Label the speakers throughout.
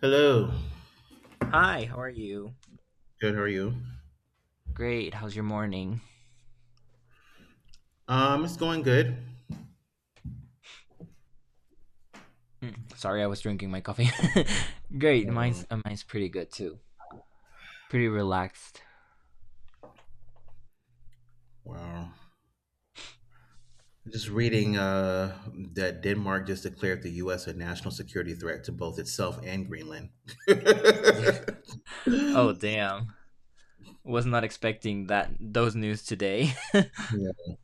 Speaker 1: Hello.
Speaker 2: Hi, how are you?
Speaker 1: Good. How are you?
Speaker 2: Great. How's your morning?
Speaker 1: It's going good.
Speaker 2: Sorry, I was drinking my coffee. Great.
Speaker 1: Oh, wow.
Speaker 2: Mine's pretty good too. Pretty relaxed.
Speaker 1: Wow. Just reading that Denmark just declared the U.S. a national security threat to both itself and Greenland.
Speaker 2: Oh, damn. Was not expecting that those news today.
Speaker 1: Yeah.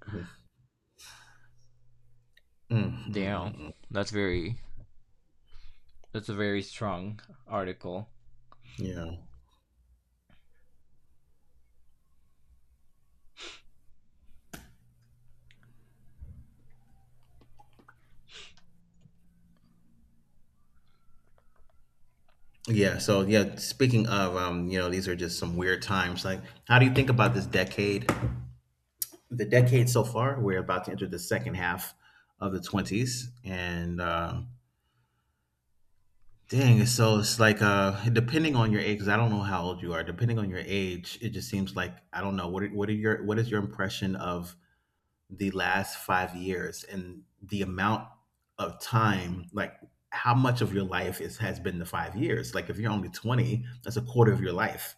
Speaker 1: Mm, mm,
Speaker 2: Damn.
Speaker 1: mm, mm.
Speaker 2: That's very that's a very strong article.
Speaker 1: Yeah. Yeah. So yeah. Speaking of, these are just some weird times. Like, how do you think about this decade? The decade so far, we're about to enter the second half of the 20s, and dang, so it's like depending on your age, 'cause I don't know how old you are. Depending on your age, it just seems like I don't know what is your impression of the last 5 years and the amount of time, like how much of your life is has been the 5 years? Like if you're only 20, that's a quarter of your life.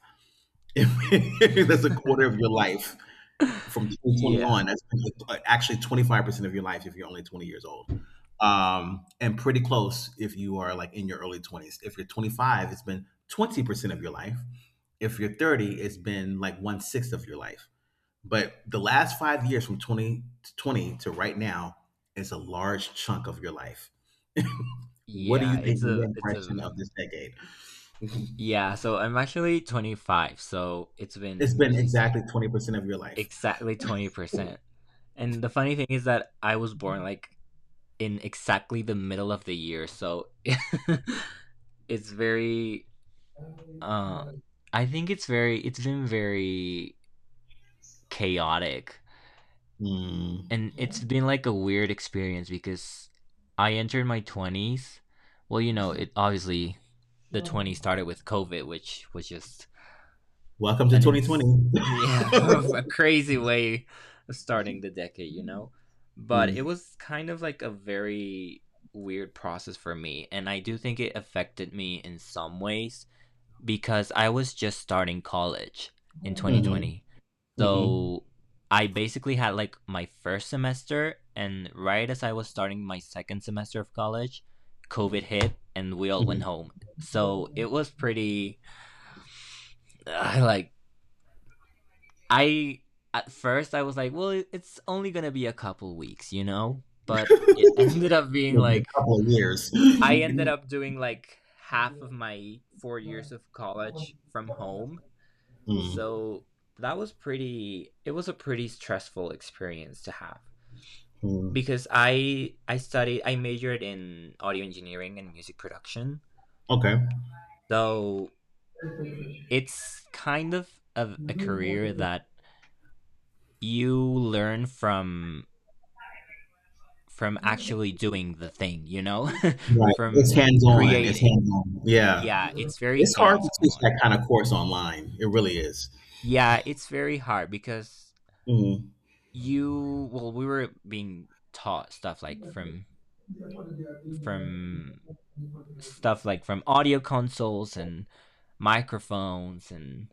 Speaker 1: That's a quarter of your life from 2020
Speaker 2: Yeah.
Speaker 1: on. That's actually 25% of your life if you're only 20 years old. And pretty close if you are like in your early 20s. If you're 25, it's been 20% of your life. If you're 30, it's been like one sixth of your life. But the last 5 years from 20 to 20 to right now is a large chunk of your life. What do
Speaker 2: Yeah,
Speaker 1: you think of the
Speaker 2: it's
Speaker 1: impression
Speaker 2: a
Speaker 1: of this decade?
Speaker 2: Yeah, so I'm actually 25, so it's
Speaker 1: It's
Speaker 2: been,
Speaker 1: been
Speaker 2: as you said,
Speaker 1: exactly 20% of your life.
Speaker 2: exactly 20%. And the funny thing is that I was born like in exactly the middle of the year, so it's very. Uh, It's been very chaotic,
Speaker 1: Mm.
Speaker 2: and it's been like a weird experience because I entered my twenties. Well, you know, it obviously the twenties started with COVID, which was just
Speaker 1: Welcome to
Speaker 2: an
Speaker 1: 2020.
Speaker 2: ins- yeah, a crazy way of starting the decade, you know, but it
Speaker 1: Mhm.
Speaker 2: was kind of like a very weird process for me, and I do think it affected me in some ways because I was just starting college in 2020.
Speaker 1: Mhm,
Speaker 2: So I basically had like my first semester, and right as I was starting my second semester of college, COVID hit and we all
Speaker 1: mhm.
Speaker 2: went home. So it was pretty like, I, at first I was like, well, it's only gonna be a couple weeks, you know. But it ended up being
Speaker 1: It'll a
Speaker 2: like,
Speaker 1: couple of years.
Speaker 2: I ended up doing like half of my 4 years of college from home,
Speaker 1: Mm,
Speaker 2: so that was pretty. It was a pretty stressful experience to have
Speaker 1: mm.
Speaker 2: because I studied I majored in audio engineering and music production.
Speaker 1: Okay.
Speaker 2: So it's kind of a career that you learn from actually doing the thing, you know?
Speaker 1: Right. It's
Speaker 2: From
Speaker 1: hands-on. It's
Speaker 2: creating.
Speaker 1: hands-on. Yeah.
Speaker 2: Yeah, it's very
Speaker 1: It's hard
Speaker 2: hands
Speaker 1: to teach
Speaker 2: on.
Speaker 1: that kind of course online. It really is.
Speaker 2: Yeah, it's very hard because
Speaker 1: Mm.
Speaker 2: you, well, we were being taught stuff like from from stuff like from audio consoles and microphones and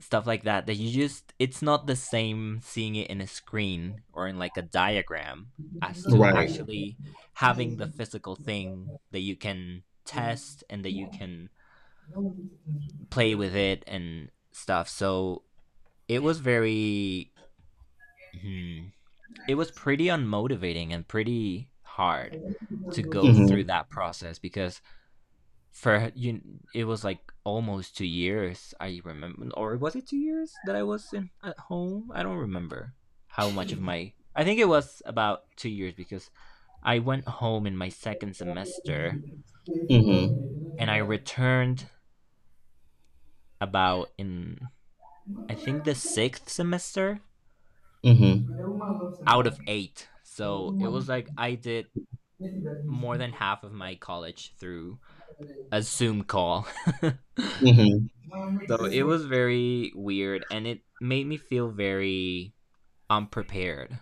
Speaker 2: stuff like that, that you just, it's not the same seeing it in a screen or in like a diagram as to
Speaker 1: Right.
Speaker 2: actually having the physical thing that you can test and that you can play with it and stuff. So it was very hmm, it was pretty unmotivating and pretty hard to go
Speaker 1: Mhm.
Speaker 2: through that process because for you it was like almost 2 years, I remember, or was it two years that I was in at home. I don't remember how much of my, I think it was about 2 years because I went home in my second semester
Speaker 1: Mhm.
Speaker 2: and I returned about in, I think, the sixth semester
Speaker 1: Mhm.
Speaker 2: out of eight. So it was like I did more than half of my college through a Zoom call.
Speaker 1: Mhm.
Speaker 2: So it was very weird and it made me feel very unprepared,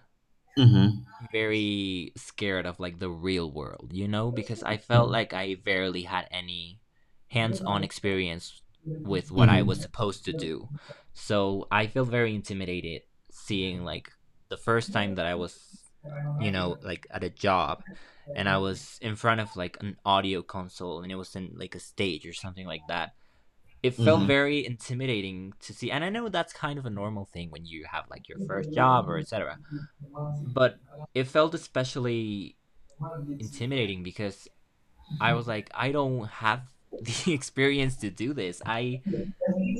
Speaker 1: Mhm.
Speaker 2: very scared of like the real world, you know, because I felt like I barely had any hands on experience with what I was
Speaker 1: Mhm.
Speaker 2: supposed to do. So I feel very intimidated seeing like the first time that I was, you know, like at a job and I was in front of like an audio console and it was in like a stage or something like that. It felt
Speaker 1: Mhm.
Speaker 2: very intimidating to see, and I know that's kind of a normal thing when you have like your first job or etc., but it felt especially intimidating because I was like, I don't have the experience to do this. i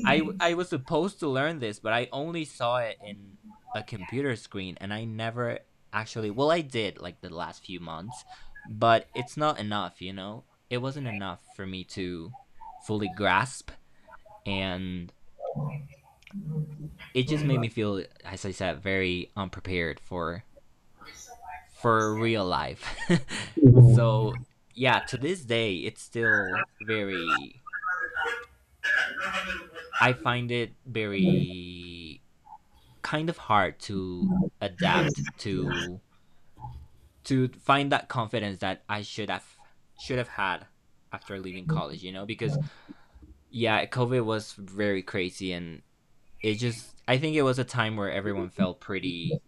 Speaker 2: i i was supposed to learn this, but I only saw it in a computer screen and I never actually, well, I did like the last few months, but it's not enough, you know, it wasn't enough for me to fully grasp. And it just made me feel, as I said, very unprepared for real life. So
Speaker 1: Mhm.
Speaker 2: yeah, to this day, it's still very. I find it very kind of hard to adapt to find that confidence that I should have had after leaving college. You know, because yeah, COVID was very crazy, and it just. I think it was a time where everyone felt pretty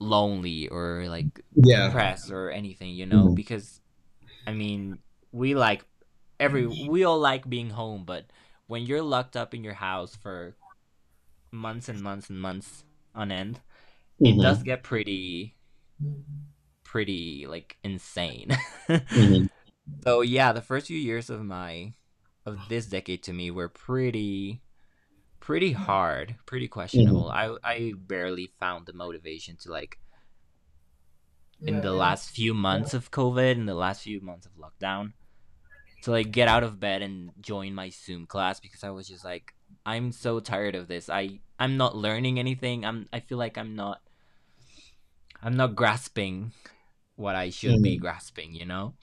Speaker 2: lonely or like
Speaker 1: Yeah.
Speaker 2: depressed or anything, you know?
Speaker 1: Mhm.
Speaker 2: Because I mean, we like, every we all like being home, but when you're locked up in your house for months and months and months on end, it does
Speaker 1: Mhm.
Speaker 2: get pretty like insane. So yeah, the first few years of my of this decade to me were pretty hard, pretty questionable. I barely found the motivation to, like, in the last few months of COVID, in the last few months of lockdown, to like get out of bed and join my Zoom class, because I was just like, I'm so tired of this. I'm not learning anything. I'm I feel like I'm not grasping what I should be
Speaker 1: Mhm.
Speaker 2: grasping, you know?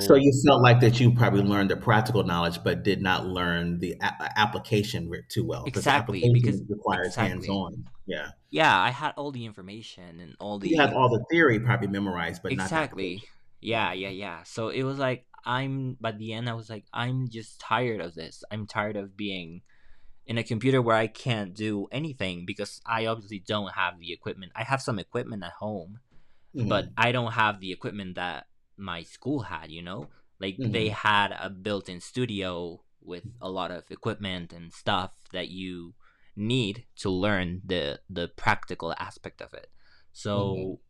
Speaker 1: So you felt like that you probably learned the practical knowledge, but did not learn the application too well, because the
Speaker 2: exactly, because
Speaker 1: application requires
Speaker 2: exactly.
Speaker 1: hands-on. Yeah,
Speaker 2: Yeah, I had all the information and all
Speaker 1: you have
Speaker 2: the,
Speaker 1: all the theory probably memorized, but not the
Speaker 2: exactly.
Speaker 1: application. Yeah.
Speaker 2: Yeah, yeah, yeah. So it was like, I'm, by the end I was like, I'm just tired of this. I'm tired of being in a computer where I can't do anything because I obviously don't have the equipment. I have some equipment at home, but
Speaker 1: Mm.
Speaker 2: I don't have the equipment that my school had, you know? Like they
Speaker 1: Mm.
Speaker 2: had a built in studio with a lot of equipment and stuff that you need to learn the practical aspect of it.
Speaker 1: Mm.
Speaker 2: So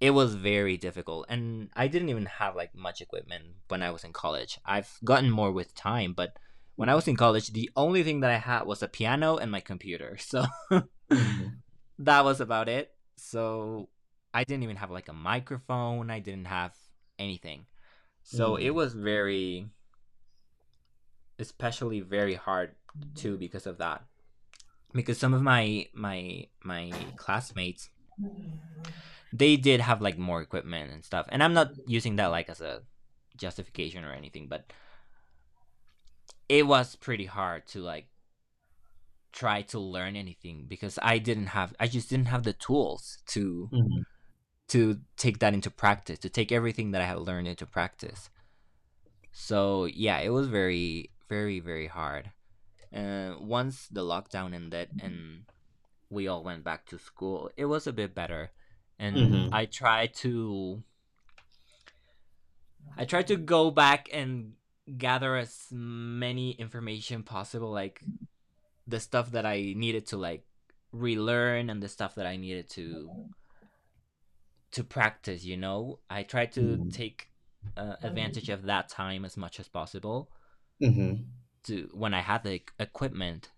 Speaker 2: it was very difficult, and I didn't even have like much equipment when I was in college. I've gotten more with time, but when I was in college the only thing that I had was a piano and my computer, so
Speaker 1: Mm.
Speaker 2: that was about it. So I didn't even have like a microphone, I didn't have anything. So it
Speaker 1: Mm.
Speaker 2: was very, especially very hard too because of that, because some of my classmates, they did have like more equipment and stuff. And I'm not using that like as a justification or anything, but it was pretty hard to like try to learn anything because I just didn't have the tools to
Speaker 1: Mm.
Speaker 2: take that into practice, to take everything that I had learned into practice. So yeah, it was very, very, very hard. Once the lockdown ended and we all went back to school, it was a bit better.
Speaker 1: Mm.
Speaker 2: And
Speaker 1: Mm.
Speaker 2: I tried to go back and gather as many information possible, like the stuff that I needed to, like, relearn and the stuff that I needed to practice. You know, I tried to
Speaker 1: Mm.
Speaker 2: take advantage of that time as much as possible
Speaker 1: Mm. Mm.
Speaker 2: to, when I had the equipment,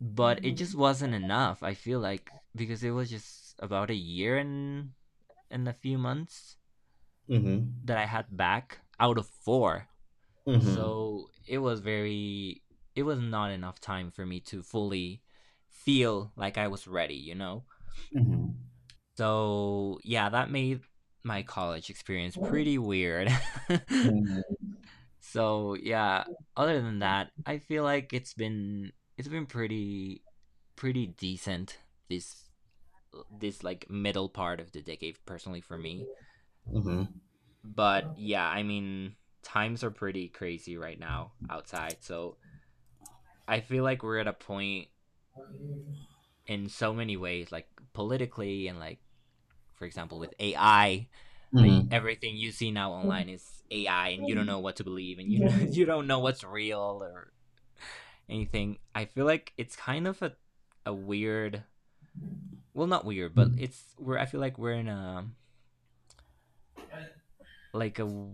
Speaker 2: but it just wasn't enough. I feel like, because it was just about a year and a few months
Speaker 1: Mm. Mm.
Speaker 2: that I had back out of four.
Speaker 1: Mhm.
Speaker 2: So it was very, it was not enough time for me to fully feel like I was ready, you know?
Speaker 1: Mhm.
Speaker 2: So yeah, that made my college experience pretty weird. So yeah, other than that, I feel like it's been pretty, pretty decent this, this, like, middle part of the decade personally for me. But yeah, I mean, times are pretty crazy right now outside. So I feel like we're at a point in so many ways, like politically and like, for example, with AI, that
Speaker 1: Mhm.
Speaker 2: everything you see now online is AI, and you don't know what to believe, and you know, you don't know what's real or anything. I feel like it's kind of a weird, well, not weird, but
Speaker 1: Mhm.
Speaker 2: it's where I feel like we're in a, like a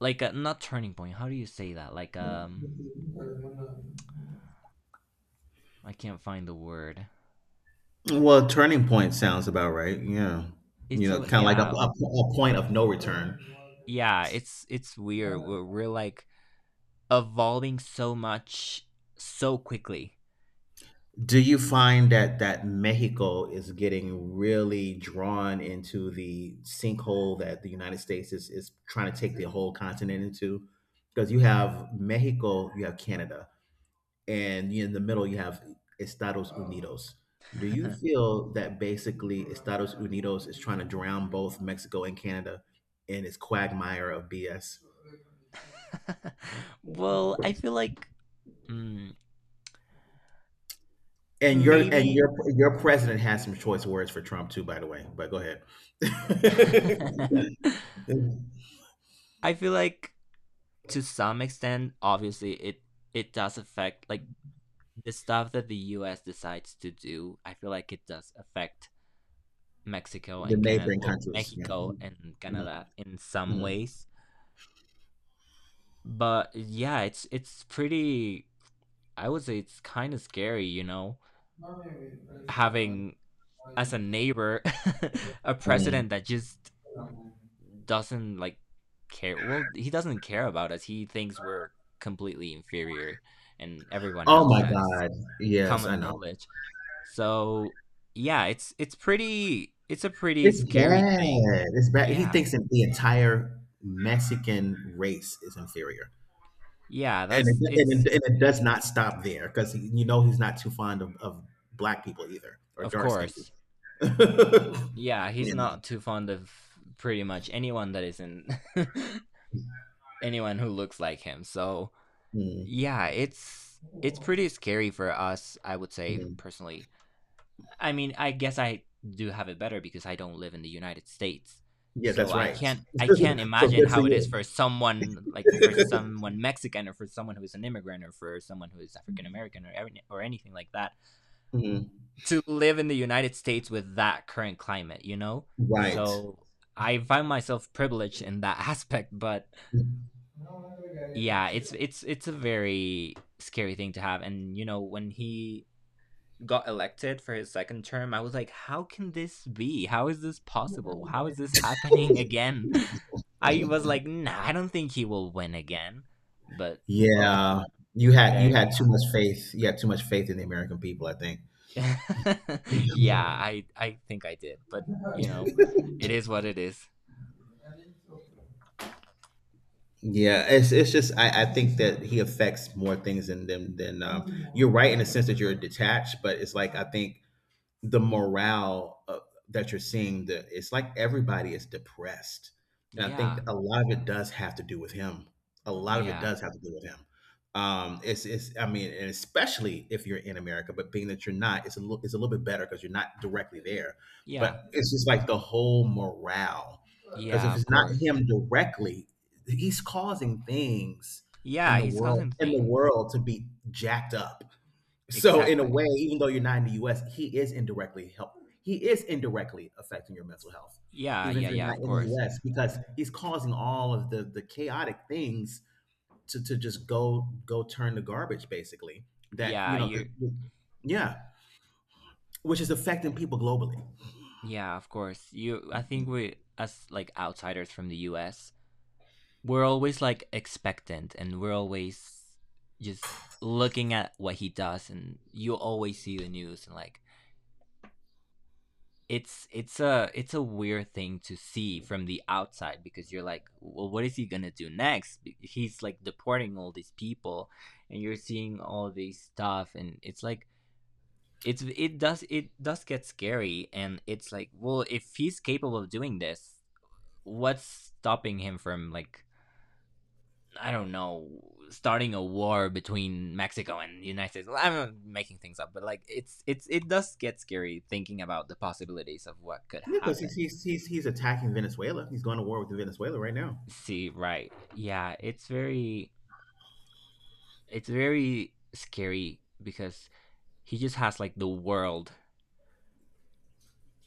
Speaker 2: like a not turning point. How do you say that? Like, I can't find the word.
Speaker 1: Well, turning point sounds about right. Yeah. You
Speaker 2: It's
Speaker 1: know,
Speaker 2: a
Speaker 1: kind of like a,
Speaker 2: Yeah,
Speaker 1: a, a point of no return.
Speaker 2: yeah. It's weird. We're like evolving so much so quickly.
Speaker 1: Do you find that Mexico is getting really drawn into the sinkhole that the United States is trying to take the whole continent into? Because you have Mexico, you have Canada, and in the middle you have Estados Unidos. Do you feel that basically Estados Unidos is trying to drown both Mexico and Canada in its quagmire of BS?
Speaker 2: Well, I feel like, mm,
Speaker 1: And
Speaker 2: maybe,
Speaker 1: your president has some choice words for Trump too, by the way. But go ahead.
Speaker 2: I
Speaker 1: In
Speaker 2: feel like to some extent, obviously it it does affect like the stuff that the U.S. decides to do. I feel like it does affect Mexico
Speaker 1: the
Speaker 2: and Canada.
Speaker 1: neighboring
Speaker 2: Well,
Speaker 1: countries. Yeah.
Speaker 2: Mexico
Speaker 1: Mhm,
Speaker 2: and Canada in some
Speaker 1: mhm,
Speaker 2: ways, but yeah, it's pretty. I would say it's kind of scary, you know, having as a neighbor a president
Speaker 1: mhm.
Speaker 2: that just doesn't like care. Well, he doesn't care about us. He thinks we're completely inferior, and everyone
Speaker 1: Oh
Speaker 2: knows
Speaker 1: my
Speaker 2: that. It's
Speaker 1: God. Yes, I
Speaker 2: common
Speaker 1: know.
Speaker 2: knowledge. So yeah, It's a pretty
Speaker 1: It's
Speaker 2: scary thing.
Speaker 1: bad. It's bad. He
Speaker 2: Yeah,
Speaker 1: thinks that the entire Mexican race is inferior.
Speaker 2: yeah.
Speaker 1: And it,
Speaker 2: That's it's
Speaker 1: and it, and it does not stop there, because, you know, he's not too fond of black people either, or
Speaker 2: Of
Speaker 1: dark skinned
Speaker 2: course.
Speaker 1: people.
Speaker 2: Yeah, he's
Speaker 1: Mhm,
Speaker 2: not too fond of pretty much anyone that isn't, anyone who looks like him. So
Speaker 1: mhm,
Speaker 2: yeah, it's pretty scary for us, I would say
Speaker 1: mhm.
Speaker 2: personally. I mean, I guess I do have it better because I don't live in the United States.
Speaker 1: Yeah,
Speaker 2: So
Speaker 1: that's right. So
Speaker 2: I can't imagine
Speaker 1: good for
Speaker 2: how it is for
Speaker 1: you.
Speaker 2: someone, like, for someone Mexican or for someone who is an immigrant or for someone who is African American or anything like that,
Speaker 1: Mhm.
Speaker 2: to live in the United States with that current climate, you know?
Speaker 1: Right.
Speaker 2: So I find myself privileged in that aspect, but yeah it's it's a very scary thing to have. And you know when he got elected for his second term, I was like, how can this be? How is this possible? How is this happening again? I was like, nah, I don't think he will win again, but well,
Speaker 1: Yeah, you
Speaker 2: th-
Speaker 1: had you
Speaker 2: there we
Speaker 1: had too
Speaker 2: have
Speaker 1: much faith. You had too much faith in the American people, I think.
Speaker 2: it. Yeah, I think I did, but you know, it is what it is.
Speaker 1: Yeah, it's just I think that he affects more things than them than you're right in the sense that you're detached, but it's like I think the morale, that you're seeing, the it's like everybody is depressed, and I think
Speaker 2: Yeah,
Speaker 1: a lot of it does have to do with him. A lot of it
Speaker 2: yeah,
Speaker 1: does have to do with him. I mean, and especially if you're in America, but being that you're not, it's a little bit better because you're not directly there.
Speaker 2: yeah,
Speaker 1: But it's just like the whole morale, because
Speaker 2: yeah,
Speaker 1: if
Speaker 2: of
Speaker 1: it's not
Speaker 2: course.
Speaker 1: him directly, he's causing things
Speaker 2: Yeah, he's causing
Speaker 1: in the
Speaker 2: things,
Speaker 1: world to be jacked up, so in a
Speaker 2: exactly.
Speaker 1: way, even though you're not in the U.S., he is indirectly help. He is indirectly affecting your mental health,
Speaker 2: Yeah,
Speaker 1: even if
Speaker 2: yeah,
Speaker 1: you're
Speaker 2: yeah,
Speaker 1: not
Speaker 2: of
Speaker 1: in the
Speaker 2: course.
Speaker 1: U.S., because he's causing all of the chaotic things to just go turn the garbage, basically. That,
Speaker 2: Yeah,
Speaker 1: you know,
Speaker 2: you
Speaker 1: yeah, which is affecting people globally.
Speaker 2: yeah, of course. You I think we as like outsiders from the US, we're always like expectant, and we're always just looking at what he does, and you always see the news, and like it's a weird thing to see from the outside because you're like, well, what is he going to do next? He's like deporting all these people, and you're seeing all these stuff, and it's like it does get scary, and it's like, well, if he's capable of doing this, what's stopping him from like, I don't know, starting a war between Mexico and the United States? Well, I'm making things up, but like it does get scary thinking about the possibilities of what could
Speaker 1: Yeah, because he's,
Speaker 2: happen.
Speaker 1: he's he's he's attacking Venezuela. He's going to war with Venezuela right now.
Speaker 2: See, right, yeah, it's very, it's very scary because he just has like the world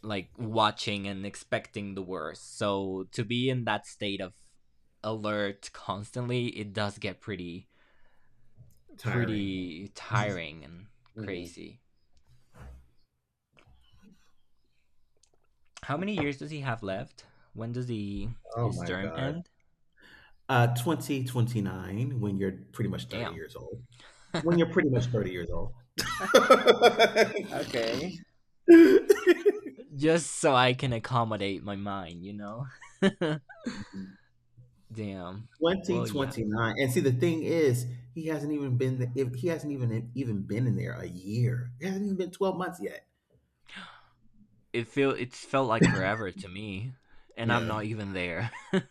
Speaker 2: like watching and expecting the worst. So to be in that state of alert constantly, it does get pretty,
Speaker 1: Tiring.
Speaker 2: pretty
Speaker 1: This is-
Speaker 2: tiring and crazy. How many years does he have left? When does he
Speaker 1: oh
Speaker 2: his
Speaker 1: my
Speaker 2: term
Speaker 1: God.
Speaker 2: end?
Speaker 1: 2029. When you're pretty much thirty
Speaker 2: Damn.
Speaker 1: years old. When you're pretty much 30 years old.
Speaker 2: Okay.
Speaker 1: 2029.
Speaker 2: Just so I can accommodate my mind, you know? Damn. Well, yeah.
Speaker 1: And see, the thing is, he hasn't even been if he hasn't even been in there a year. It hasn't even been 12 months yet.
Speaker 2: It feel it's felt like forever to me. And I'm
Speaker 1: Yeah,
Speaker 2: not even there.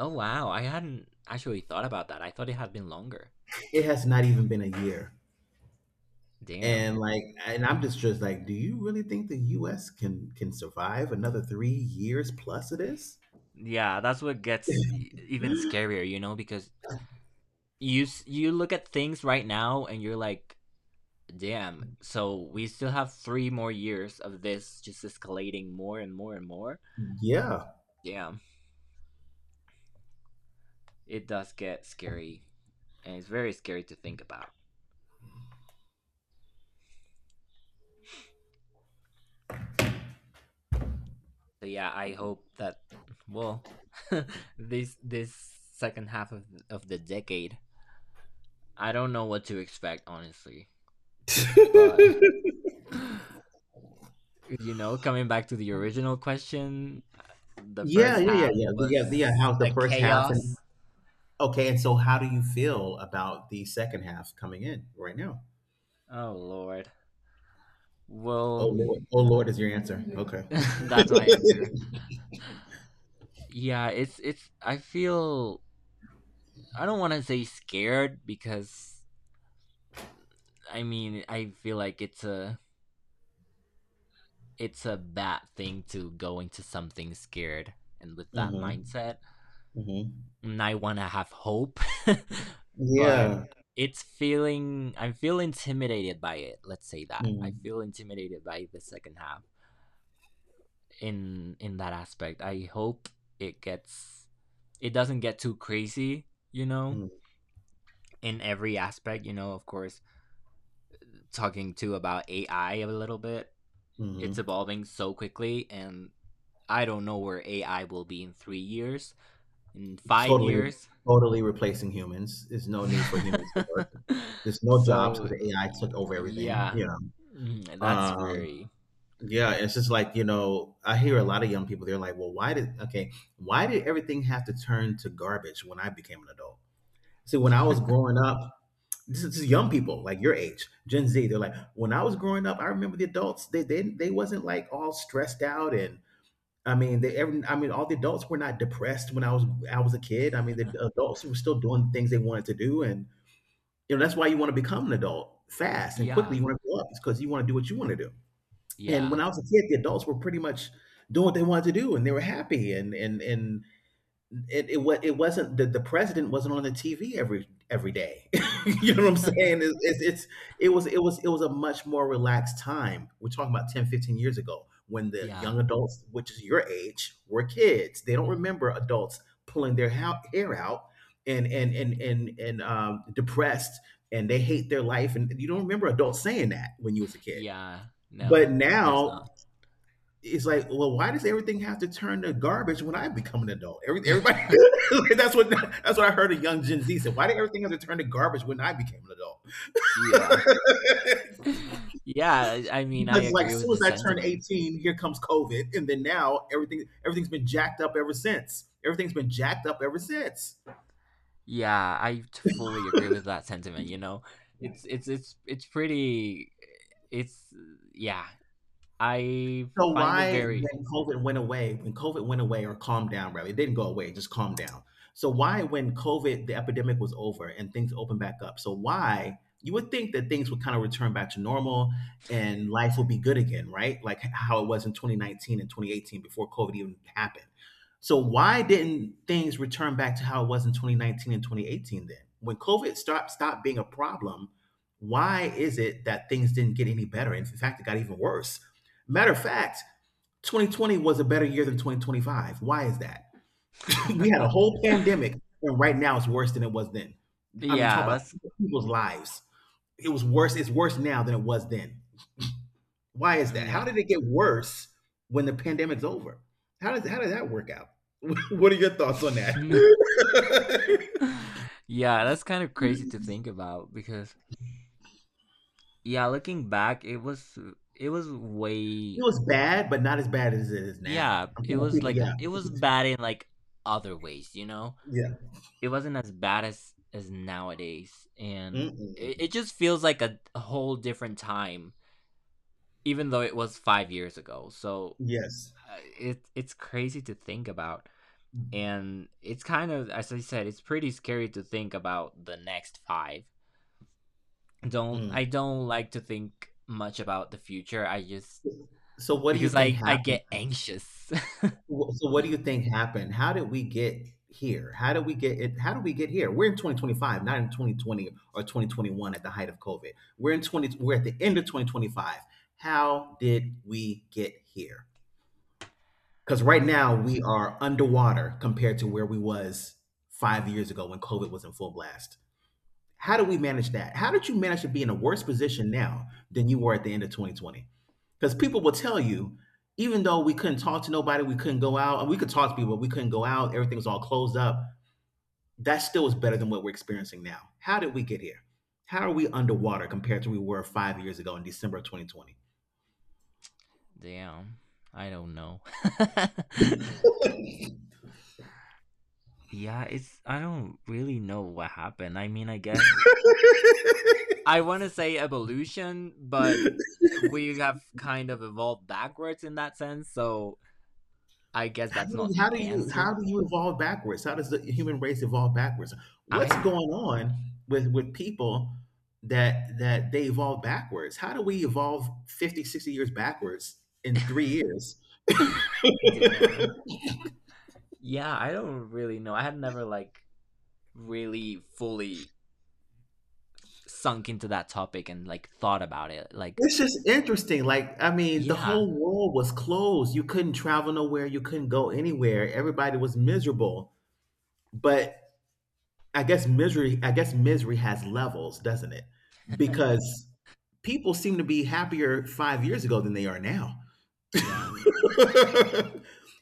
Speaker 2: Oh wow, I hadn't actually thought about that. I thought it had been longer.
Speaker 1: it has not even been a year.
Speaker 2: Damn.
Speaker 1: And like, and I'm just like, do you really think the U.S. can survive another 3 years plus of this?
Speaker 2: Yeah, that's what gets even scarier, you know, because you look at things right now and you're like, damn. So we still have 3 more years of this just escalating more and more and more.
Speaker 1: Yeah,
Speaker 2: Damn, it does get scary, and it's very scary to think about. So yeah, I hope that, well, this second half of the decade, I don't know what to expect honestly,
Speaker 1: yeah,
Speaker 2: but
Speaker 1: yeah,
Speaker 2: you know, coming back to the original question, the
Speaker 1: yeah,
Speaker 2: first
Speaker 1: yeah.
Speaker 2: half
Speaker 1: The, yeah, the, yeah.
Speaker 2: was
Speaker 1: How's the
Speaker 2: a
Speaker 1: first half? And
Speaker 2: chaos.
Speaker 1: okay, and so how do you feel about the second half coming in right now?
Speaker 2: Oh Lord. Well,
Speaker 1: Oh Lord is your answer. Yeah. Okay.
Speaker 2: that's my answer. Yeah, it's I feel I don't want to say scared because I mean, I feel like it's a bad thing to go into something scared and with that
Speaker 1: Hmm.
Speaker 2: mindset.
Speaker 1: Hmm.
Speaker 2: And I want to have hope, but
Speaker 1: Yeah.
Speaker 2: it's feeling I feel intimidated by it. Let's say that. I
Speaker 1: Mm-hmm.
Speaker 2: feel intimidated by the second half, in that aspect. I hope it gets it doesn't get too crazy, you know,
Speaker 1: Mm.
Speaker 2: in every aspect, you know, of course, talking too about AI a little bit. It's
Speaker 1: Hmm.
Speaker 2: evolving so quickly, and I don't know where AI will be in 3 years, in 5
Speaker 1: Totally,
Speaker 2: years.
Speaker 1: totally replacing humans. There's no need for humans to work. There's no jobs
Speaker 2: So
Speaker 1: because AI took over everything.
Speaker 2: yeah.
Speaker 1: Yeah.
Speaker 2: Mm, that's
Speaker 1: Um,
Speaker 2: very,
Speaker 1: yeah. It's just like, I hear a lot of young people. They're like, "Well, why did okay? Why did everything have to turn to garbage when I became an adult?" See, when I was growing up, this is young people like your age, Gen Z. They're like, when I was growing up, I remember the adults. They wasn't like all stressed out and. I mean, I mean, all the adults were not depressed when I was a kid. I mean, the adults were still doing the things they wanted to do, and, that's why you want to become an adult fast and quickly. You
Speaker 2: yeah.
Speaker 1: want to grow up because you want to do what you want to do. And when
Speaker 2: Yeah.
Speaker 1: I was a kid, the adults were pretty much doing what they wanted to do, and they were happy, and it wasn't the president wasn't on the TV every day. You know what I'm saying? It was a much more relaxed time. We're talking about 10, 15 years ago, when the
Speaker 2: Yeah.
Speaker 1: young adults, which is your age, were kids. They don't remember adults pulling their hair out and depressed, and they hate their life, and you don't remember adults saying that when you was a kid.
Speaker 2: Yeah.
Speaker 1: But
Speaker 2: No, of course
Speaker 1: now
Speaker 2: not.
Speaker 1: it's like, well, why does everything have to turn to garbage when I become an adult? Everybody, that's what I heard a young Gen Z said. Why did everything have to turn to garbage when I became an adult?
Speaker 2: Yeah. Yeah, I mean, I
Speaker 1: Because, like,
Speaker 2: agree
Speaker 1: as
Speaker 2: with
Speaker 1: soon
Speaker 2: the
Speaker 1: as I turned
Speaker 2: sentiment.
Speaker 1: 18, here comes COVID, and then now everything's been jacked up ever since. Everything's been jacked up ever since.
Speaker 2: Yeah, fully agree with that sentiment. You know, it's it's pretty. It's, yeah, I
Speaker 1: So
Speaker 2: find it
Speaker 1: why,
Speaker 2: very.
Speaker 1: when COVID went away, when COVID went away or calmed down, rather, it didn't go away, it just calmed down. So why, when COVID, the epidemic was over and things opened back up, so why you would think that things would kind of return back to normal and life would be good again, right? Like how it was in 2019 and 2018 before COVID even happened. So why didn't things return back to how it was in 2019 and 2018 then? When COVID stopped being a problem, why is it that things didn't get any better? In fact, it got even worse. Matter of fact, 2020 was a better year than 2025. Why is that? We had a whole pandemic, and right now it's worse than it was then. I mean, talk
Speaker 2: Yeah,
Speaker 1: about
Speaker 2: that's
Speaker 1: people's lives. It was worse. It's worse now than it was then. Why is that?
Speaker 2: yeah,
Speaker 1: How did it get worse when the pandemic's over? How did that work out? What are your thoughts on that? It
Speaker 2: yeah, that's kind of crazy to think about because yeah, looking back, it was, it was way,
Speaker 1: was bad, but not as bad as it is now.
Speaker 2: yeah,
Speaker 1: I'm
Speaker 2: it
Speaker 1: talking about
Speaker 2: was
Speaker 1: people.
Speaker 2: like
Speaker 1: Yeah,
Speaker 2: it was bad in like other ways, you know. It wasn't as bad as nowadays,
Speaker 1: yeah.
Speaker 2: and it,
Speaker 1: Mm-mm.
Speaker 2: it just feels like a whole different time, even though it was 5 years ago. So
Speaker 1: Yes.
Speaker 2: it's crazy to think about, and it's kind of as I said, it's pretty scary to think about the next five. Don't I
Speaker 1: Mm.
Speaker 2: don't like to think much about the future. I just
Speaker 1: So, what do you
Speaker 2: because
Speaker 1: think
Speaker 2: I
Speaker 1: happened?
Speaker 2: get anxious.
Speaker 1: Wh so What do you think happened? How did we get here? How did we get here? We're in 2025, not in 2020 or 2021 at the height of COVID. We're in 20 We're at the end of 2025. How did we get here? Because right now
Speaker 2: Damn,
Speaker 1: we are underwater compared to where we was 5 years ago when COVID was in full blast. How do we manage that? How did you manage to be in a worse position now than you were at the end of 2020? Because people will tell you, even though we couldn't talk to nobody, we couldn't go out, and we could talk to people, but we couldn't go out, everything was all closed up. That still is better than what we're experiencing now. How did we get here? How are we underwater compared to we were 5 years ago in December of 2020?
Speaker 2: damn. I don't know. Yeah, it's I don't really know what happened. I mean, I guess I want to say evolution, but we have kind of evolved backwards in that sense, so I guess
Speaker 1: How
Speaker 2: that's
Speaker 1: do,
Speaker 2: not
Speaker 1: how
Speaker 2: the
Speaker 1: do you how
Speaker 2: answer.
Speaker 1: do you evolve backwards? How does the human race evolve backwards? What's
Speaker 2: I
Speaker 1: going on with people that they evolve backwards? How do we evolve 50, 60 years backwards in 3 years?
Speaker 2: Damn. Yeah, I don't really know. I had never like really fully sunk into that topic and like thought about it. Like,
Speaker 1: It's just interesting. Like, I mean, the
Speaker 2: yeah,
Speaker 1: whole world was closed. You couldn't travel nowhere. You couldn't go anywhere. Everybody was miserable. But I guess misery has levels, doesn't it? Because people seem to be happier 5 years ago than they are now.
Speaker 2: yeah,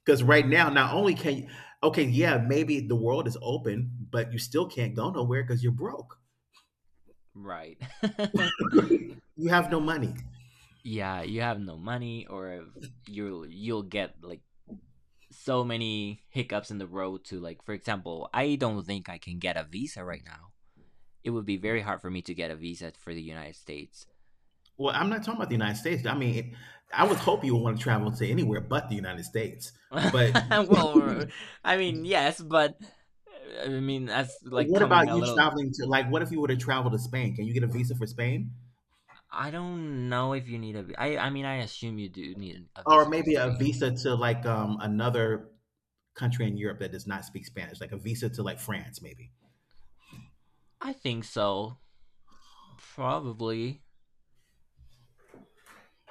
Speaker 1: Because right now, not only can you, okay, yeah, maybe the world is open, but you still can't go nowhere because you're broke.
Speaker 2: right.
Speaker 1: You have no money.
Speaker 2: Yeah, you have no money or you'll get like so many hiccups in the road, to like, for example, I don't think I can get a visa right now. It would be very hard for me to get a visa for the United States.
Speaker 1: Well, I'm not talking about the United States. I mean, I would hope you would want to travel to anywhere but the United States. But
Speaker 2: Well, I mean, yes, but I mean that's like
Speaker 1: what about
Speaker 2: coming a
Speaker 1: you
Speaker 2: little.
Speaker 1: traveling to, like, what if you were to travel to Spain? Can you get a visa for Spain?
Speaker 2: I don't know if you need a I mean I assume you do need a
Speaker 1: Or
Speaker 2: visa for
Speaker 1: maybe a
Speaker 2: Spain.
Speaker 1: visa to, like, another country in Europe that does not speak Spanish, like a visa to, like, France, maybe.
Speaker 2: I think so, probably.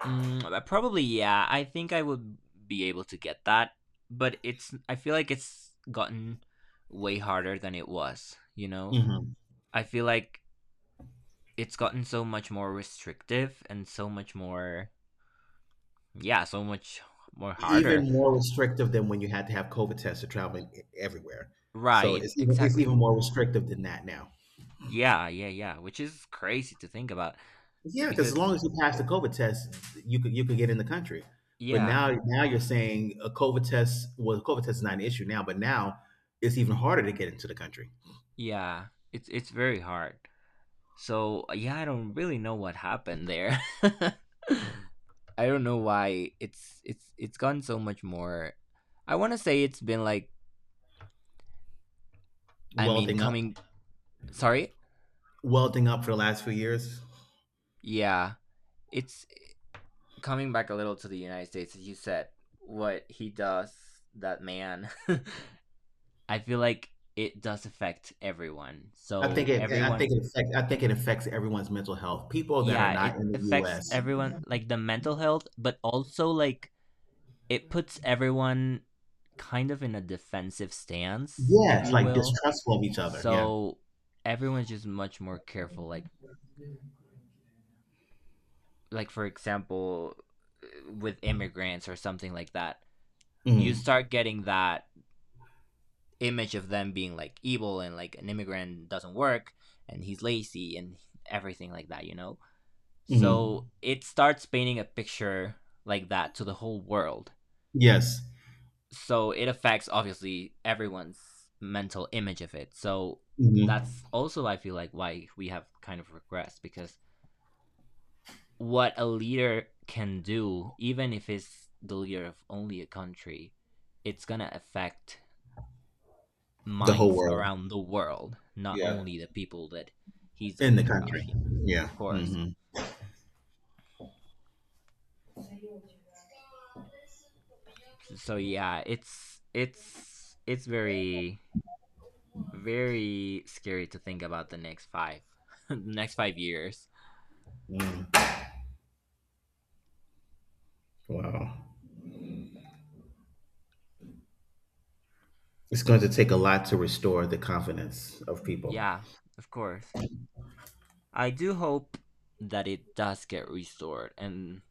Speaker 2: Mm, probably, yeah. I think I would be able to get that, but it's, I feel like it's gotten way harder than it was. You know,
Speaker 1: Mhm.
Speaker 2: I feel like it's gotten so much more restrictive and so much more. Yeah, so much more
Speaker 1: Even
Speaker 2: harder.
Speaker 1: more restrictive than when you had to have COVID tests to travel everywhere. So
Speaker 2: Right.
Speaker 1: it's even
Speaker 2: Exactly.
Speaker 1: more restrictive than that now.
Speaker 2: Yeah. Yeah. Yeah. Which is crazy to think about
Speaker 1: Yeah, because as
Speaker 2: because.
Speaker 1: long as you pass the COVID test, you could get in the country. But
Speaker 2: Yeah.
Speaker 1: now you're saying a COVID test well, a COVID test is not an issue now, but now it's even harder to get into the country.
Speaker 2: Yeah. It's very hard. So yeah, I don't really know what happened there. I don't know why it's it's gone so much more. I want to say it's been like, I mean,
Speaker 1: Welding up,
Speaker 2: coming, sorry.
Speaker 1: welding up for the last few years.
Speaker 2: Yeah, it's coming back a little to the United States, as you said, what he does, that man. I feel like it does affect everyone. So everyone,
Speaker 1: I think it affects everyone's mental health. People that are
Speaker 2: yeah,
Speaker 1: not
Speaker 2: it
Speaker 1: in the
Speaker 2: affects
Speaker 1: U.S.
Speaker 2: everyone like the mental health but also like it puts everyone kind of in a defensive stance, if
Speaker 1: Yes,
Speaker 2: you
Speaker 1: like
Speaker 2: will.
Speaker 1: distrustful of each other. Yeah.
Speaker 2: So everyone's just much more careful. Like for example, with immigrants or something like that, you
Speaker 1: Hmm.
Speaker 2: start getting that image of them being like evil and like an immigrant doesn't work and he's lazy and everything like that, you know.
Speaker 1: Hmm.
Speaker 2: So it starts painting a picture like that to the whole world,
Speaker 1: Yes.
Speaker 2: so it affects obviously everyone's mental image of it. So
Speaker 1: Mhm.
Speaker 2: that's also I feel like why we have kind of regressed because what a leader can do, even if it's the leader of only a country, it's gonna affect
Speaker 1: The whole
Speaker 2: minds
Speaker 1: world.
Speaker 2: around the world, not
Speaker 1: Yeah.
Speaker 2: only the people that he's the
Speaker 1: In the
Speaker 2: leader of,
Speaker 1: country.
Speaker 2: you know, of
Speaker 1: Yeah.
Speaker 2: course.
Speaker 1: Hmm.
Speaker 2: So yeah, it's it's very, very scary to think about the next five next 5 years.
Speaker 1: Mm. Wow. It's going to take a lot to restore the confidence of people.
Speaker 2: Yeah, of course. I do hope that it does get restored and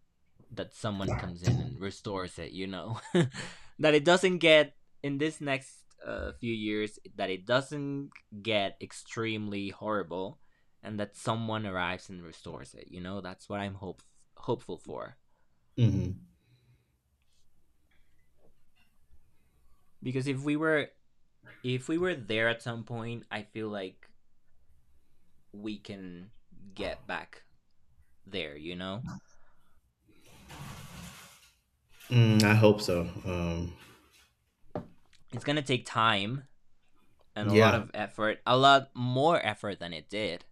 Speaker 2: that someone comes in and restores it, you know. That it doesn't get in this next few years that it doesn't get extremely horrible and that someone arrives and restores it, you know. That's what I'm hopeful for.
Speaker 1: Hmm.
Speaker 2: Because if we were, if we were there at some point, I feel like we can get back there, you know.
Speaker 1: Mm, I hope so.
Speaker 2: It's going to take time and a lot
Speaker 1: Yeah.
Speaker 2: of effort, a lot more effort than it did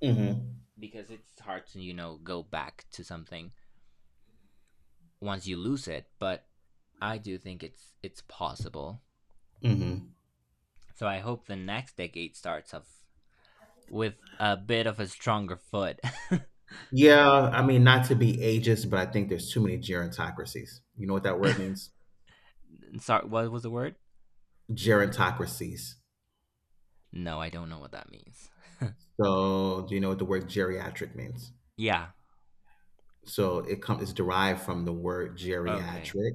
Speaker 1: Hmm.
Speaker 2: because it's hard to you know go back to something once you lose it, but I do think it's possible.
Speaker 1: Hmm.
Speaker 2: So I hope the next decade starts off with a bit of a stronger foot.
Speaker 1: Yeah. I mean, not to be ageist, but I think there's too many gerontocracies. You know what that word means?
Speaker 2: Sorry, what was the word?
Speaker 1: Gerontocracies.
Speaker 2: No, I don't know what that means.
Speaker 1: So, do you know what the word geriatric means?
Speaker 2: Yeah.
Speaker 1: So, it comes. It's derived from the word
Speaker 2: Okay.
Speaker 1: geriatric,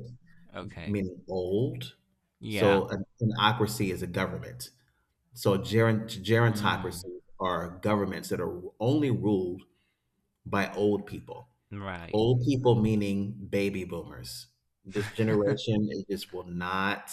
Speaker 2: Okay.
Speaker 1: meaning old.
Speaker 2: Yeah.
Speaker 1: So an ocracy is a government. So gerontocracies
Speaker 2: Mm.
Speaker 1: are governments that are only ruled by old people.
Speaker 2: Right.
Speaker 1: Old people meaning baby boomers. This generation it just will not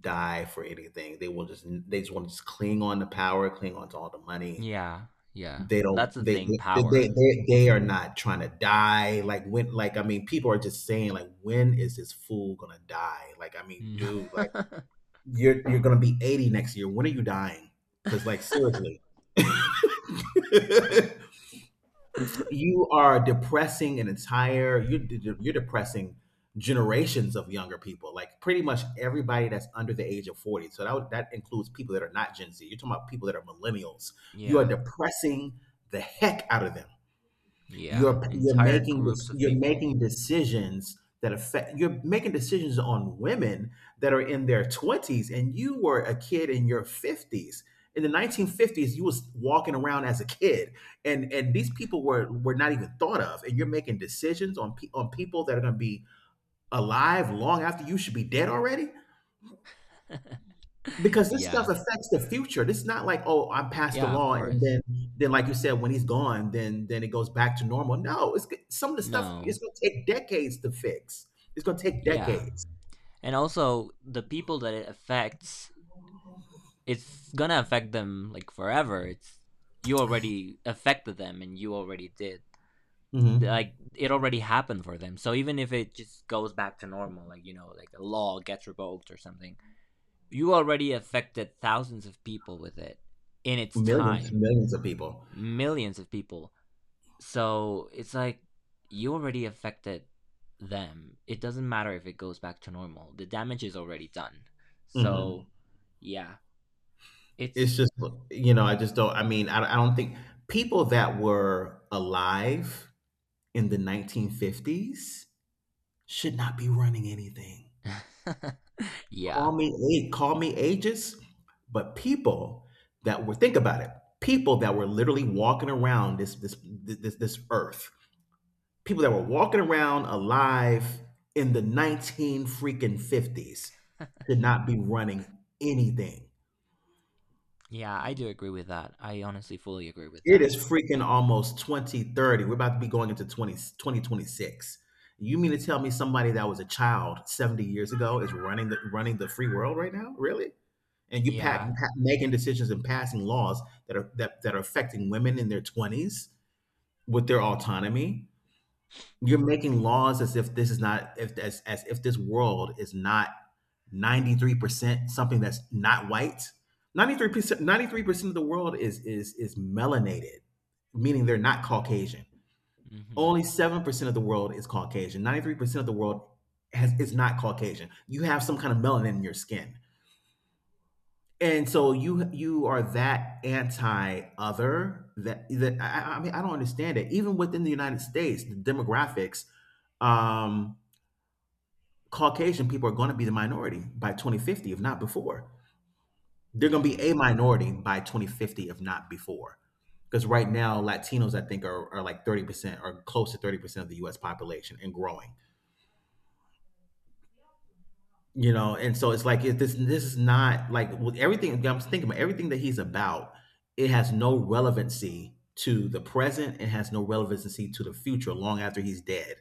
Speaker 1: die for anything. They just want to just cling on to power, cling on to all the money.
Speaker 2: Yeah. Yeah.
Speaker 1: They don't
Speaker 2: That's the thing. Power.
Speaker 1: they they are not trying to die. Like when like I mean people are just saying like when is this fool gonna die? Like I mean dude like you're gonna be 80 next year. When are you dying? Because like seriously, you are depressing an entire you're de- you're depressing generations of younger people. Like pretty much everybody that's under the age of 40. So that includes people that are not Gen Z. You're talking about people that are millennials. You are
Speaker 2: Yeah.
Speaker 1: depressing the heck out of them.
Speaker 2: Yeah.
Speaker 1: You're
Speaker 2: Entire
Speaker 1: making this
Speaker 2: groups of
Speaker 1: you're
Speaker 2: people.
Speaker 1: making decisions that affect you're making decisions on women that are in their 20s and you were a kid in your 50s. In the 1950s, you was walking around as a kid and these people were not even thought of and you're making decisions on people that are going to be alive long after you should be dead already? Because this stuff
Speaker 2: Yeah.
Speaker 1: affects the future. This is not like, "Oh, I passed the
Speaker 2: Yeah, of
Speaker 1: law," and
Speaker 2: course.
Speaker 1: then like you said, when he's gone, then it goes back to normal. No, it's g some of the stuff
Speaker 2: No.
Speaker 1: it's gonna take decades to fix. It's gonna take
Speaker 2: Yeah.
Speaker 1: decades.
Speaker 2: And also the people that it affects, it's gonna affect them like forever. It's you already affected them and you already did.
Speaker 1: Mhm.
Speaker 2: Like it already happened for them. So even if it just goes back to normal, like you know, like a law gets revoked or something, you already affected thousands of people with it in its
Speaker 1: Millions,
Speaker 2: time.
Speaker 1: millions of people.
Speaker 2: Millions of people. So it's like you already affected them. It doesn't matter if it goes back to normal. The damage is already done. So
Speaker 1: Mhm.
Speaker 2: yeah,
Speaker 1: It's
Speaker 2: it's
Speaker 1: just, I mean, I don't think people that were alive in the 1950s should not be running anything.
Speaker 2: yeah.
Speaker 1: Call me Call me ages, but people that were think about it, people that were literally walking around this earth, people that were walking around alive in the nineteen freaking fifties should not be running anything.
Speaker 2: Yeah, I do agree with that. I honestly fully agree with
Speaker 1: It
Speaker 2: that.
Speaker 1: is freaking almost 2030. We're about to be going into twenty twenty six. You mean to tell me somebody that was a child 70 years ago is running the free world right now? Really? And you pack,
Speaker 2: Yeah.
Speaker 1: pa making decisions and passing laws that are affecting women in their 20s with their autonomy. You're making laws as if this world is not 93% something that's not white. 93% 93% of the world is melanated, meaning they're not caucasian.
Speaker 2: Mhm.
Speaker 1: Only 7% of the world is caucasian. 93% of the world is not caucasian. You have some kind of melanin in your skin. And so you are that anti-other that I mean I don't understand it. Even within the United States, the demographics, um, Caucasian people are going to be the minority by 2050, if not before. They're going to
Speaker 2: Yeah.
Speaker 1: be a minority by 2050, if not before. Because right now, Latinos I think are like 30% or close to 30% of the U.S. population and growing. You know, and so it's like if this is not like with everything I'm thinking about everything that he's about, it has no relevancy to the present and has no relevancy to the future long after he's dead.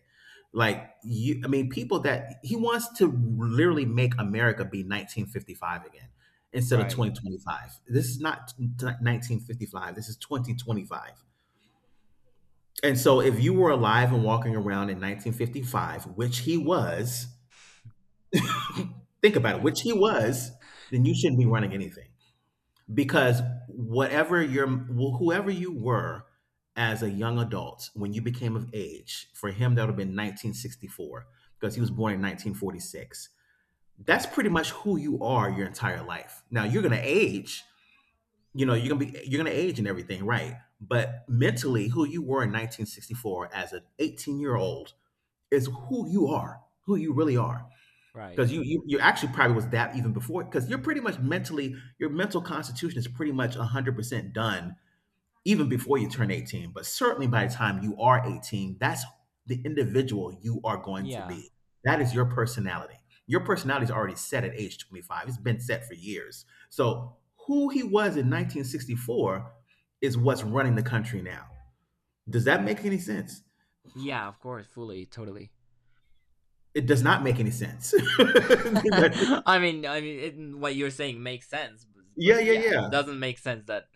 Speaker 1: Like you I mean, people that he wants to literally make America be 1955 again instead of
Speaker 2: Right.
Speaker 1: 2025. This is not 1955. This is 2025. And so if you were alive and walking around in 1955, which he was, think about it, which he was, then you shouldn't be running anything because whatever your whoever you were as a young adult when you became of age, for him that would have been 1964 because he was born in 1946. That's pretty much who you are your entire life. Now you're going to age, you're going to age and everything, right? But mentally who you were in 1964 as an 18-year-old is who you are, who you really are
Speaker 2: Right.
Speaker 1: because you actually probably was that even before because you're pretty much mentally your mental constitution is pretty much 100% done even before you turn 18, but certainly by the time you are 18 that's the individual you are going to
Speaker 2: Yeah.
Speaker 1: be. That is your personality. Your personality is already set at age 25. It's been set for years. So who he was in 1964 is what's running the country now. Does that make any sense?
Speaker 2: Yeah, of course, fully, totally.
Speaker 1: It does not make any sense.
Speaker 2: I mean, it, what you're saying makes sense,
Speaker 1: yeah,
Speaker 2: but
Speaker 1: yeah,
Speaker 2: yeah,
Speaker 1: yeah,
Speaker 2: it doesn't make sense that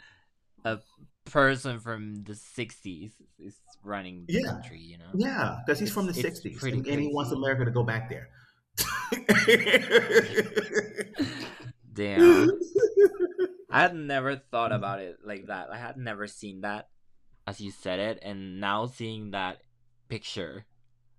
Speaker 2: a person from the 60s is running the
Speaker 1: yeah.
Speaker 2: country, you know.
Speaker 1: Yeah, because he's from
Speaker 2: it's
Speaker 1: the
Speaker 2: it's
Speaker 1: 60s
Speaker 2: pretty
Speaker 1: and he wants
Speaker 2: crazy.
Speaker 1: America to go back there.
Speaker 2: Yeah. Damn, I had never thought about it like that. I had never seen that as you said it, and now seeing that picture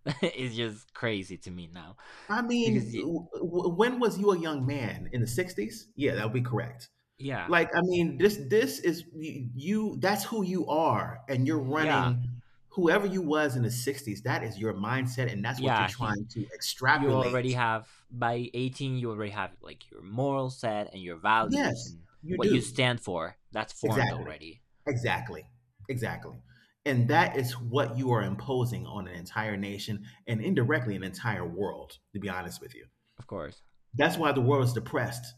Speaker 2: is just crazy to me now
Speaker 1: I mean,
Speaker 2: because
Speaker 1: when was you a young man in the 60s? Yeah, that would be correct.
Speaker 2: yeah,
Speaker 1: Like, I mean, this is you. That's who you are and you're
Speaker 2: yeah,
Speaker 1: running whoever you was in the 60s. That is your mindset and that's what you're
Speaker 2: yeah, he
Speaker 1: trying to
Speaker 2: you already
Speaker 1: extrapolate.
Speaker 2: have by 18, you already have like your moral set and your values
Speaker 1: Yes,
Speaker 2: and
Speaker 1: you
Speaker 2: what you
Speaker 1: do.
Speaker 2: stand for, that's formed
Speaker 1: Exactly.
Speaker 2: already.
Speaker 1: Exactly. Exactly. And that is what you are imposing on an entire nation and indirectly an entire world, to be honest with you.
Speaker 2: Of course.
Speaker 1: That's why the world is depressed.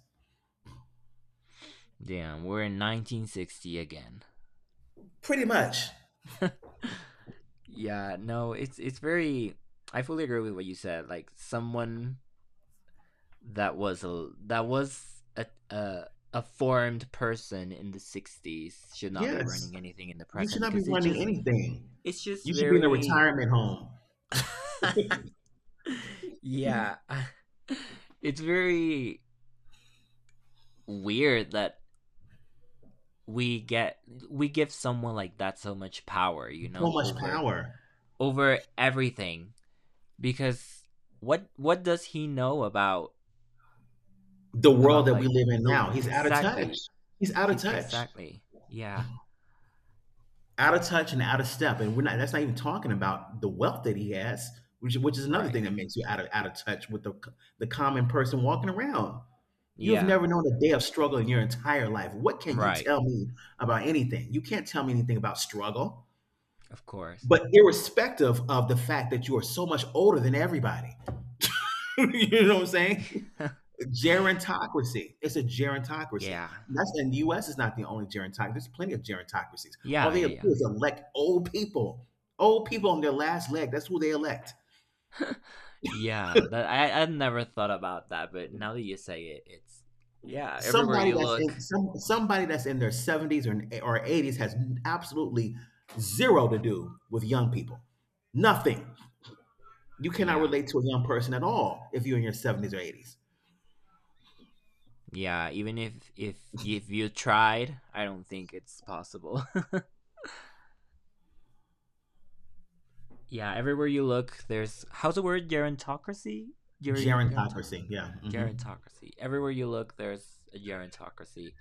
Speaker 2: Damn, we're in 1960 again.
Speaker 1: Pretty much.
Speaker 2: Yeah, no, it's very. I fully agree with what you said. Like someone that was a formed person in the 60s should not be
Speaker 1: Yes.
Speaker 2: running anything in the
Speaker 1: You
Speaker 2: present
Speaker 1: should not be
Speaker 2: because it
Speaker 1: running
Speaker 2: just
Speaker 1: anything.
Speaker 2: it's just
Speaker 1: You should be in a
Speaker 2: very.
Speaker 1: retirement home.
Speaker 2: Yeah, it's very weird that we get we give someone like that so much power, you
Speaker 1: So
Speaker 2: know,
Speaker 1: much
Speaker 2: over
Speaker 1: power.
Speaker 2: everything because what does he know
Speaker 1: The world
Speaker 2: about
Speaker 1: that we
Speaker 2: like
Speaker 1: live in
Speaker 2: the
Speaker 1: now, he's out of touch.
Speaker 2: exactly,
Speaker 1: He's out of
Speaker 2: he's
Speaker 1: touch.
Speaker 2: exactly, yeah,
Speaker 1: Out of touch and out of step. And we're not That's not even talking about the wealth that he has, which is another
Speaker 2: right,
Speaker 1: thing that makes you out of touch with the common person walking around. You have
Speaker 2: yeah,
Speaker 1: never known a day of struggle in your entire life. What can you
Speaker 2: right,
Speaker 1: tell me about anything? You can't tell me anything about struggle.
Speaker 2: of course.
Speaker 1: But irrespective of the fact that you are so much older than everybody, you know what I'm saying? Gerontocracy. It's a gerontocracy.
Speaker 2: Yeah,
Speaker 1: That's and the U.S. is not the only gerontocracy. There's plenty of gerontocracies.
Speaker 2: yeah,
Speaker 1: All they
Speaker 2: yeah,
Speaker 1: do
Speaker 2: yeah.
Speaker 1: is elect old people on their last leg. That's who they elect.
Speaker 2: Yeah, that I never thought about that, but now that you say it, it's yeah, everywhere
Speaker 1: Somebody
Speaker 2: you
Speaker 1: that's in
Speaker 2: look.
Speaker 1: some somebody that's in their 70s or 80s has absolutely zero to do with young people. Nothing. You cannot
Speaker 2: Yeah,
Speaker 1: relate to a young person at all if you're in your 70s or 80s.
Speaker 2: yeah, even if if you tried, I don't think it's possible. Yeah, everywhere you look, there's how's the word gerontocracy? Geronto,
Speaker 1: Gerontocracy. Yeah. Hmm.
Speaker 2: gerontocracy. Everywhere you look, there's a gerontocracy.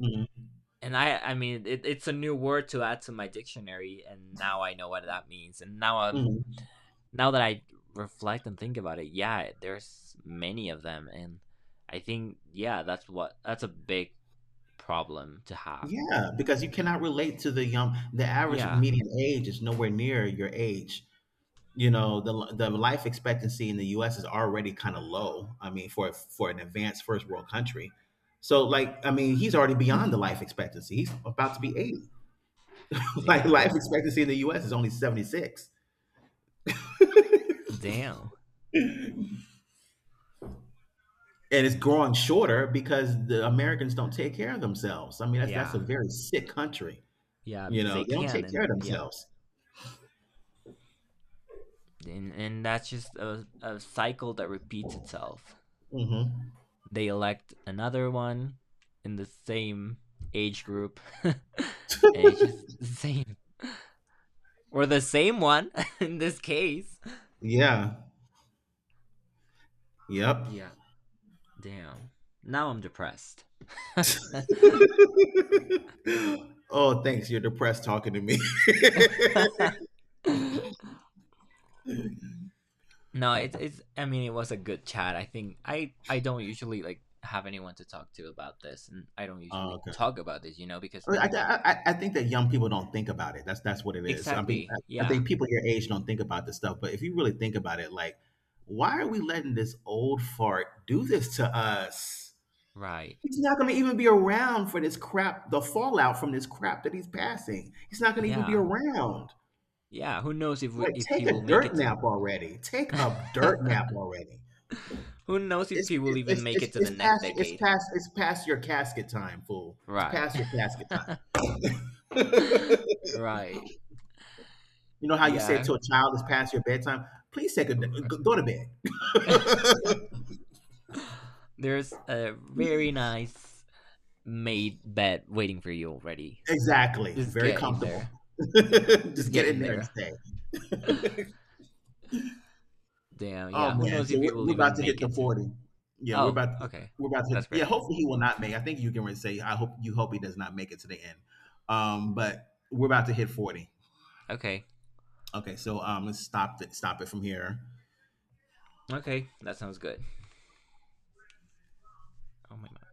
Speaker 1: Hmm.
Speaker 2: And I mean, it, it's a new word to add to my dictionary, and now I know what that means. And now I'm,
Speaker 1: Hmm.
Speaker 2: now that I reflect and think about it, yeah, there's many of them, and I think, yeah, that's what that's a big problem to have.
Speaker 1: Yeah, because you cannot relate to the young. The average
Speaker 2: Yeah,
Speaker 1: median age is nowhere near your age. You know, the life expectancy in the U.S. is already kind of low. I mean, for an advanced first world country, so like, I mean, he's already beyond the life expectancy. He's about to be 80. like, life
Speaker 2: damn,
Speaker 1: expectancy in the U.S. is only 76,
Speaker 2: damn,
Speaker 1: and it's growing shorter because the Americans don't take care of themselves. I mean, that's a
Speaker 2: yeah,
Speaker 1: very sick country.
Speaker 2: yeah,
Speaker 1: You
Speaker 2: because they
Speaker 1: know, they don't
Speaker 2: can,
Speaker 1: take care of
Speaker 2: and yeah,
Speaker 1: themselves.
Speaker 2: and that's just a cycle that repeats itself.
Speaker 1: Hmm.
Speaker 2: They elect another one in the same age group, and it's just the same or the same one in this case.
Speaker 1: Yeah. Yep.
Speaker 2: Yeah, damn. Now I'm depressed. No,
Speaker 1: Oh, thanks. You're depressed talking to me.
Speaker 2: it's it's. I mean, it was a good chat. I think I don't usually like have anyone to talk to about this, and I don't
Speaker 1: Oh,
Speaker 2: usually
Speaker 1: okay.
Speaker 2: talk about this, you know, because
Speaker 1: I mean, I think that young people don't think about it. That's what it is. I mean,
Speaker 2: exactly.
Speaker 1: I
Speaker 2: Yeah,
Speaker 1: think people your age don't think about this stuff. But if you really think about it, like, why are we letting this old fart do this to us?
Speaker 2: right.
Speaker 1: He's not going to even be around for this crap, the fallout from this crap that he's passing. He's not going to even be
Speaker 2: Yeah,
Speaker 1: around.
Speaker 2: yeah. Who knows if we,
Speaker 1: Like,
Speaker 2: if he
Speaker 1: take
Speaker 2: will
Speaker 1: a
Speaker 2: make
Speaker 1: dirt
Speaker 2: it
Speaker 1: nap already. Take a dirt
Speaker 2: to
Speaker 1: nap already.
Speaker 2: Who knows if
Speaker 1: It's
Speaker 2: he will even
Speaker 1: it's
Speaker 2: make
Speaker 1: it's
Speaker 2: it to the
Speaker 1: it's
Speaker 2: next
Speaker 1: past
Speaker 2: decade?
Speaker 1: your casket time, fool. It's
Speaker 2: Right.
Speaker 1: past your casket time.
Speaker 2: Right.
Speaker 1: You know how you say
Speaker 2: Yeah.
Speaker 1: to a child, "It's past your bedtime." Please take a go go to bed.
Speaker 2: There's a very nice made bed waiting for you already.
Speaker 1: Exactly.
Speaker 2: Just
Speaker 1: Very
Speaker 2: get in
Speaker 1: comfortable.
Speaker 2: there. Just
Speaker 1: Just get
Speaker 2: get
Speaker 1: in
Speaker 2: in
Speaker 1: there and
Speaker 2: there.
Speaker 1: stay.
Speaker 2: Damn,
Speaker 1: Oh
Speaker 2: yeah. Who
Speaker 1: man,
Speaker 2: knows
Speaker 1: so
Speaker 2: if
Speaker 1: we're,
Speaker 2: you will
Speaker 1: we're about
Speaker 2: even
Speaker 1: to hit
Speaker 2: make
Speaker 1: the
Speaker 2: it to.
Speaker 1: 40. Yeah, we're
Speaker 2: Oh,
Speaker 1: about to,
Speaker 2: okay.
Speaker 1: we're about to hit.
Speaker 2: That's
Speaker 1: Yeah,
Speaker 2: great.
Speaker 1: hopefully he will not make. I think you can really say I hope he does not make it to the end. But we're about to hit 40.
Speaker 2: Okay.
Speaker 1: Okay, so let's stop it. Stop it from here.
Speaker 2: Okay. That sounds good. Oh, my God.